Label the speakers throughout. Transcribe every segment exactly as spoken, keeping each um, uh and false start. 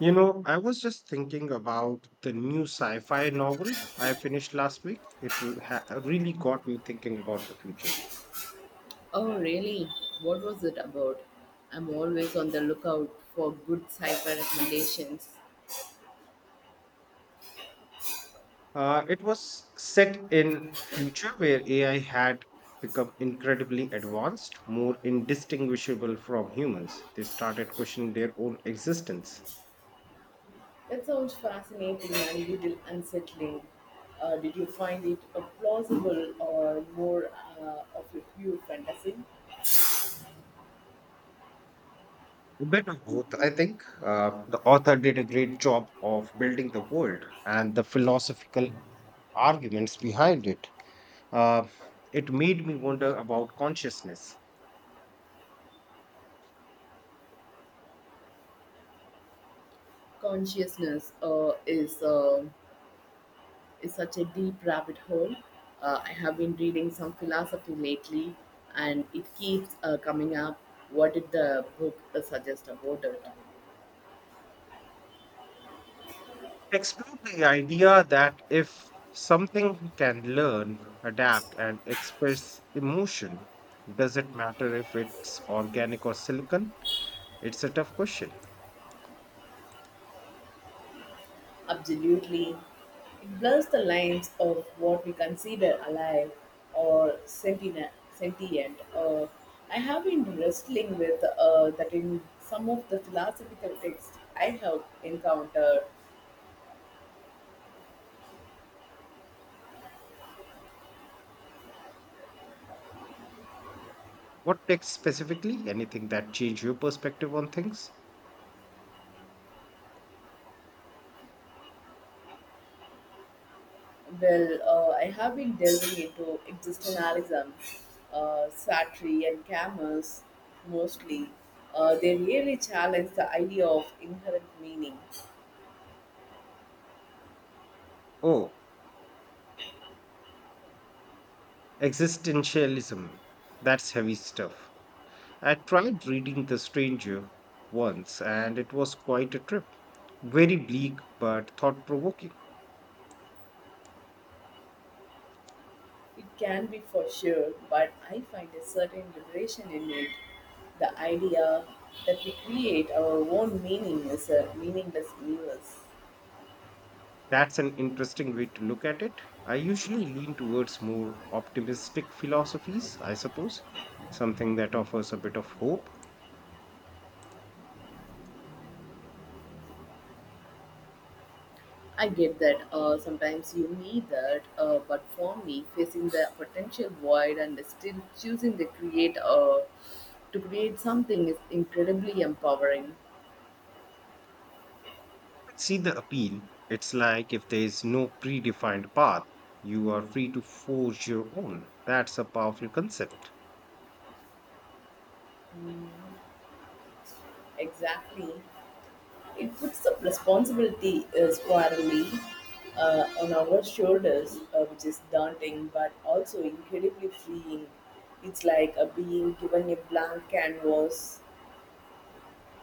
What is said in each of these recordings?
Speaker 1: You know, I was just thinking about the new sci fi novel I finished last week. It re- ha- really got me thinking about the future.
Speaker 2: Oh, really? What was it about? I'm always on the lookout for good sci-fi recommendations.
Speaker 1: Uh, it was set in future where A I had become incredibly advanced, more indistinguishable from humans. They started questioning their own existence.
Speaker 2: That sounds fascinating and a little unsettling. Uh, did you find it uh, plausible or more uh, of a pure fantasy?
Speaker 1: A bit of both, I think. Uh, the author did a great job of building the world and the philosophical arguments behind it. Uh, it made me wonder about consciousness.
Speaker 2: Consciousness uh, is uh, is such a deep rabbit hole. Uh, I have been reading some philosophy lately, and it keeps uh, coming up. What did the book uh, suggest about it?
Speaker 1: Explore the idea that if something can learn, adapt, and express emotion, does it matter if it's organic or silicon? It's a tough question.
Speaker 2: Absolutely. It blurs the lines of what we consider alive or sentient. sentient. Uh, I have been wrestling with uh, that in some of the philosophical texts I have encountered.
Speaker 1: What text specifically? Anything that changed your perspective on things?
Speaker 2: Well, uh, I have been delving into existentialism, uh, Sartre, and Camus mostly. Uh, they really challenge the idea of inherent meaning.
Speaker 1: Oh, existentialism. That's heavy stuff. I tried reading The Stranger once and it was quite a trip. Very bleak but thought provoking.
Speaker 2: It can be for sure, but I find a certain liberation in it. The idea that we create our own meaning is a meaningless universe.
Speaker 1: That's an interesting way to look at it. I usually lean towards more optimistic philosophies, I suppose. Something that offers a bit of hope.
Speaker 2: I get that, uh, sometimes you need that, uh, but for me, facing the potential void and still choosing to create uh, to create something is incredibly empowering.
Speaker 1: See the appeal. It's like if there is no predefined path, you are free to forge your own. That's a powerful concept.
Speaker 2: Mm, exactly. It puts the responsibility uh, squarely uh, on our shoulders, uh, which is daunting but also incredibly freeing. It's like a being given a blank canvas.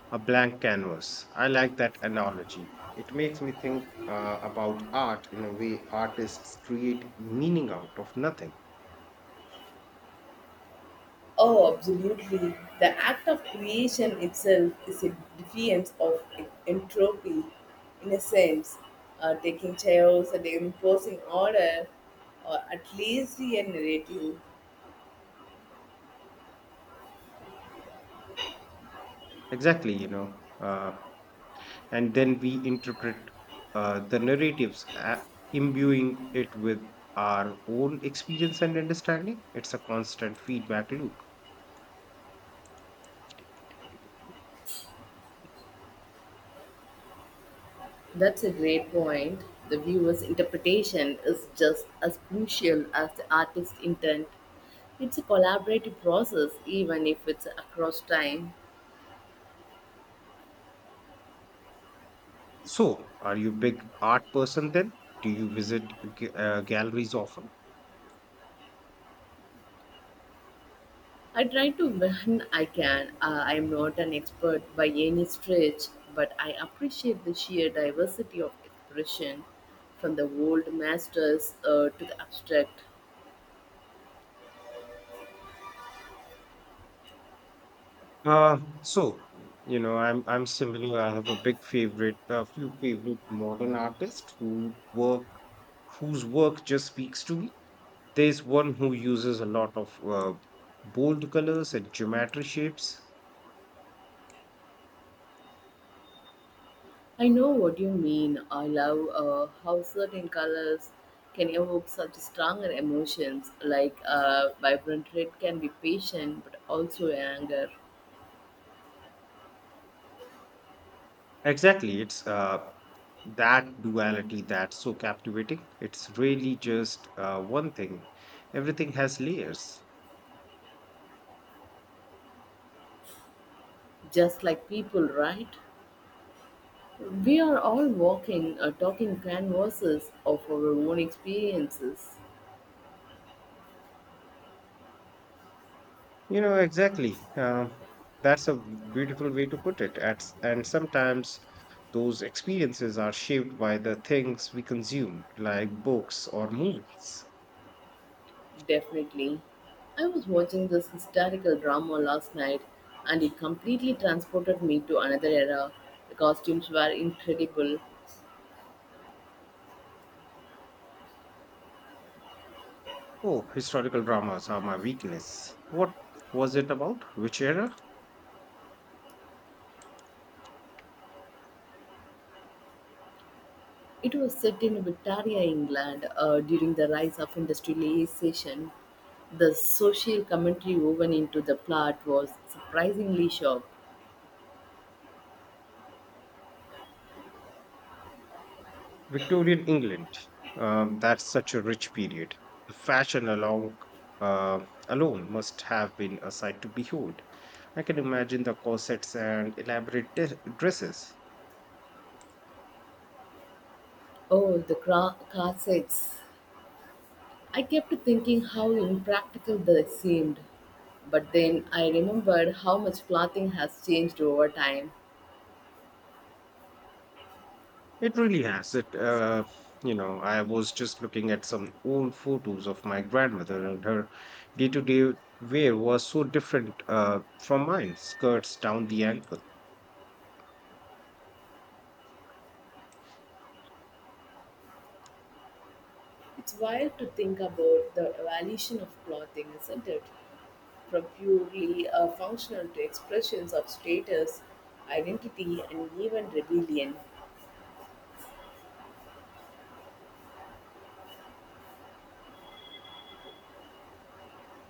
Speaker 1: A blank canvas. I like that analogy. It makes me think uh, about art in a way artists create meaning out of nothing.
Speaker 2: Oh, absolutely. The act of creation itself is a defiance of entropy, in a sense, uh, taking chaos and imposing order, or at least a narrative.
Speaker 1: Exactly, you know. Uh, and then we interpret uh, the narratives, uh, imbuing it with our own experience and understanding. It's a constant feedback loop.
Speaker 2: That's a great point. The viewer's interpretation is just as crucial as the artist's intent. It's a collaborative process, even if it's across time.
Speaker 1: So, are you a big art person then? Do you visit g- uh, galleries often?
Speaker 2: I try to when I can. Uh, I'm not an expert by any stretch, but I appreciate the sheer diversity of expression, from the old masters uh, to the abstract.
Speaker 1: Uh, so you know, I'm I'm similar. I have a big favorite, a few favorite modern artists who work, whose work just speaks to me. There's one who uses a lot of uh, bold colors and geometry shapes.
Speaker 2: I know what you mean. I love uh, how certain colors can evoke such stronger emotions, like uh, vibrant red can be patient but also anger,
Speaker 1: Exactly, it's uh that duality that's so captivating. It's really just uh, one thing. Everything has layers.
Speaker 2: just like people, right? We are all walking, uh, talking canvases of our own experiences.
Speaker 1: You know, exactly. Uh, that's a beautiful way to put it. At, and sometimes those experiences are shaped by the things we consume, like books or movies.
Speaker 2: Definitely. I was watching this historical drama last night and it completely transported me to another era. The costumes were incredible.
Speaker 1: Oh, historical dramas are my weakness. What was it about? Which era?
Speaker 2: It was set in Victoria, England, uh, during the rise of industrialization. The social commentary woven into the plot was surprisingly sharp.
Speaker 1: Victorian England, um, that's such a rich period. The fashion along uh, alone must have been a sight to behold. I can imagine the corsets and elaborate de- dresses.
Speaker 2: Oh, the cra- car I kept thinking how impractical they seemed. But then I remembered how much clothing has changed over time.
Speaker 1: It really has it. Uh, you know, I was just looking at some old photos of my grandmother, and her day-to-day wear was so different uh, from mine. Skirts down the ankle.
Speaker 2: It's wild to think about the evolution of clothing, isn't it? From purely uh, functional to expressions of status, identity, and even rebellion.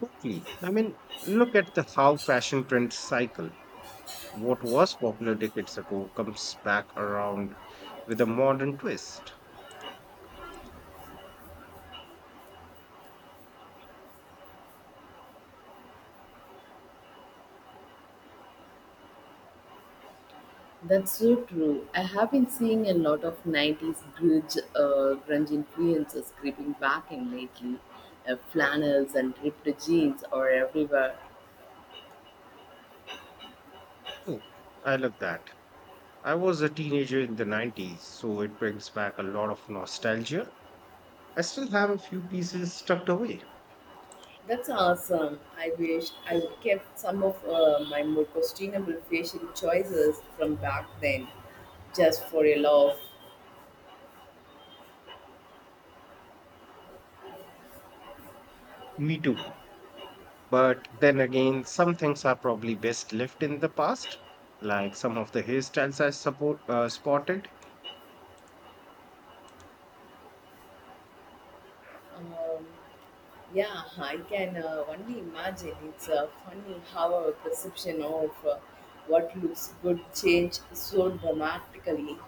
Speaker 1: Totally. I mean, look at the how fashion trends cycle. What was popular decades ago comes back around with a modern twist.
Speaker 2: That's so true. I have been seeing a lot of nineties grunge, uh, grunge influences creeping back in lately. Uh, flannels and ripped jeans are everywhere.
Speaker 1: Oh, I love that. I was a teenager in the nineties, so it brings back a lot of nostalgia. I still have a few pieces tucked away.
Speaker 2: That's awesome. I wish I would kept some of uh, my more questionable facial choices from back then, just for a laugh.
Speaker 1: Me too. But then again, some things are probably best left in the past, like some of the hairstyles I support, uh, spotted.
Speaker 2: Um, yeah, I can uh, only imagine. It's uh, funny how our perception of uh, what looks good changed so dramatically.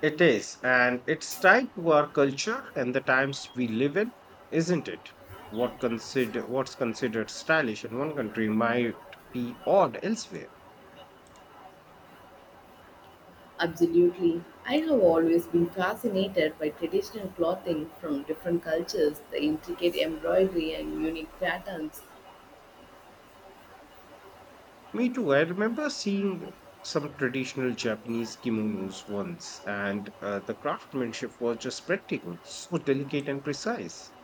Speaker 1: It is, and it's tied to our culture and the times we live in, isn't it? What consider what's considered stylish in one country might be odd elsewhere.
Speaker 2: Absolutely. I have always been fascinated by traditional clothing from different cultures, the intricate embroidery and unique patterns.
Speaker 1: Me too. I remember seeing some traditional Japanese kimonos once, and uh, the craftsmanship was just breathtaking, so delicate and precise.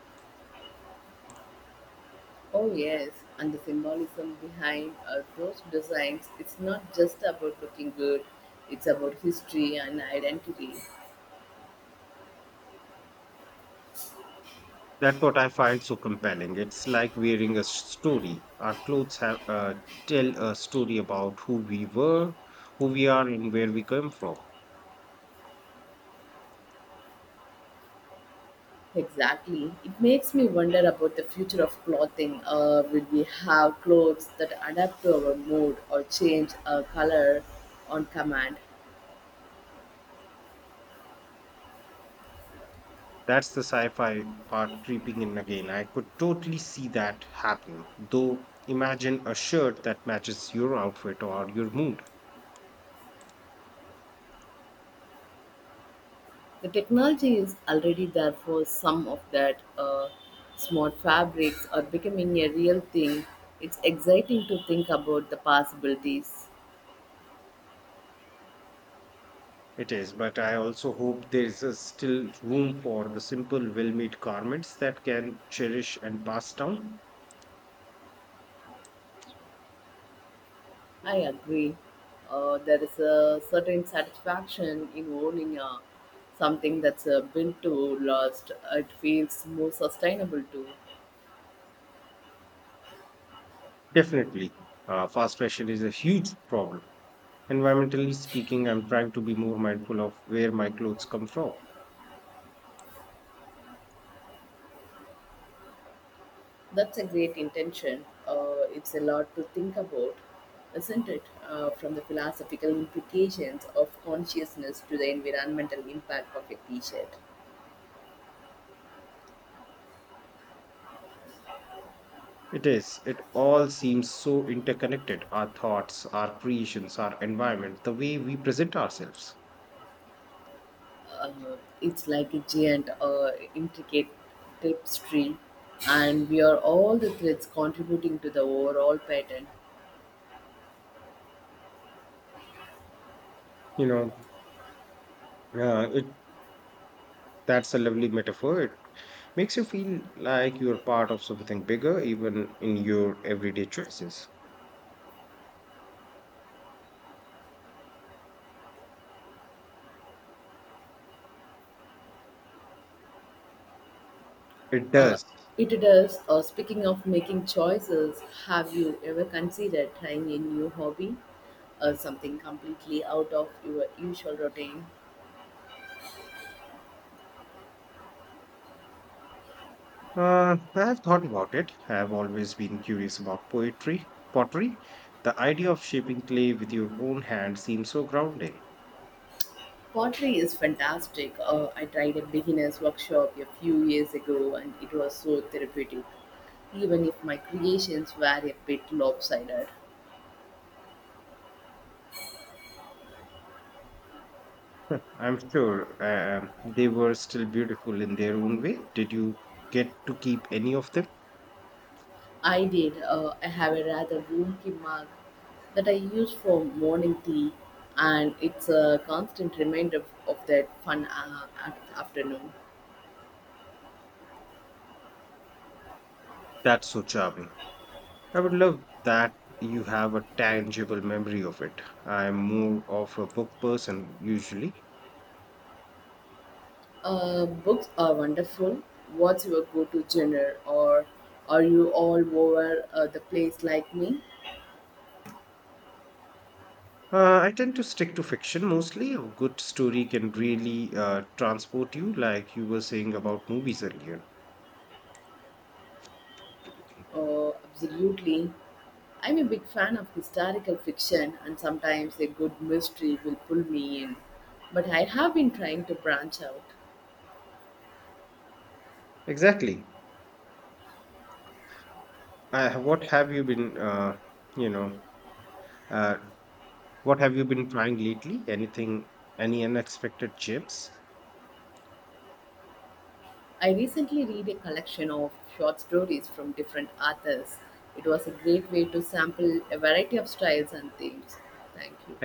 Speaker 2: Oh yes, and the symbolism behind uh, those designs, it's not just about looking good, it's about history and identity.
Speaker 1: That's what I find so compelling. It's like wearing a s- story. Our clothes have uh, tell a story about who we were, who we are, and where we come from.
Speaker 2: Exactly. It makes me wonder about the future of clothing. Uh, will we have clothes that adapt to our mood or change our color on command?
Speaker 1: That's the sci-fi part creeping in again. I could totally see that happen. Though, imagine a shirt that matches your outfit or your mood.
Speaker 2: The technology is already there for some of that. Uh, smart fabrics are becoming a real thing. It's exciting to think about the possibilities.
Speaker 1: It is, but I also hope there is a still room for the simple, well made garments that can cherish and pass down.
Speaker 2: I agree. Uh, there is a certain satisfaction in owning uh, something that's uh, built to last. It feels more sustainable too.
Speaker 1: Definitely, uh, fast fashion is a huge problem. Environmentally speaking, I'm trying to be more mindful of where my clothes come from.
Speaker 2: That's a great intention. Uh, it's a lot to think about, isn't it? Uh, from the philosophical implications of consciousness to the environmental impact of a t-shirt.
Speaker 1: It is. It all seems so interconnected. Our thoughts, our creations, our environment, the way we present ourselves.
Speaker 2: Uh, it's like a giant, uh, intricate tapestry, and we are all the threads contributing to the overall pattern.
Speaker 1: You know, uh, it That's a lovely metaphor. It makes you feel like you're part of something bigger, even in your everyday choices. It
Speaker 2: Uh,
Speaker 1: does.
Speaker 2: it does. Uh, speaking of making choices, have you ever considered trying a new hobby? Uh, something completely out of your usual routine?
Speaker 1: Uh, I have thought about it. I have always been curious about poetry, pottery. The idea of shaping clay with your own hands seems so grounding.
Speaker 2: Pottery is fantastic. Uh, I tried a beginner's workshop a few years ago and it was so therapeutic, even if my creations were a bit lopsided.
Speaker 1: Huh, I'm sure um, they were still beautiful in their own way. Did you get to keep any of them?
Speaker 2: I did. Uh, I have a rather wonky mug that I use for morning tea, and it's a constant reminder of, of that fun uh, af- afternoon.
Speaker 1: That's so charming. I would love that you have a tangible memory of it. I'm more of a book person usually.
Speaker 2: Uh, books are wonderful. What's your go-to genre, or are you all over uh, the place like me?
Speaker 1: Uh, I tend to stick to fiction mostly. A good story can really uh, transport you, like you were saying about movies earlier.
Speaker 2: Oh, absolutely. I'm a big fan of historical fiction, and sometimes a good mystery will pull me in. But I have been trying to branch out.
Speaker 1: Exactly. Uh, what have you been, uh, you know, uh, what have you been trying lately? Anything, any unexpected gems?
Speaker 2: I recently read a collection of short stories from different authors. It was a great way to sample a variety of styles and themes. Thank you.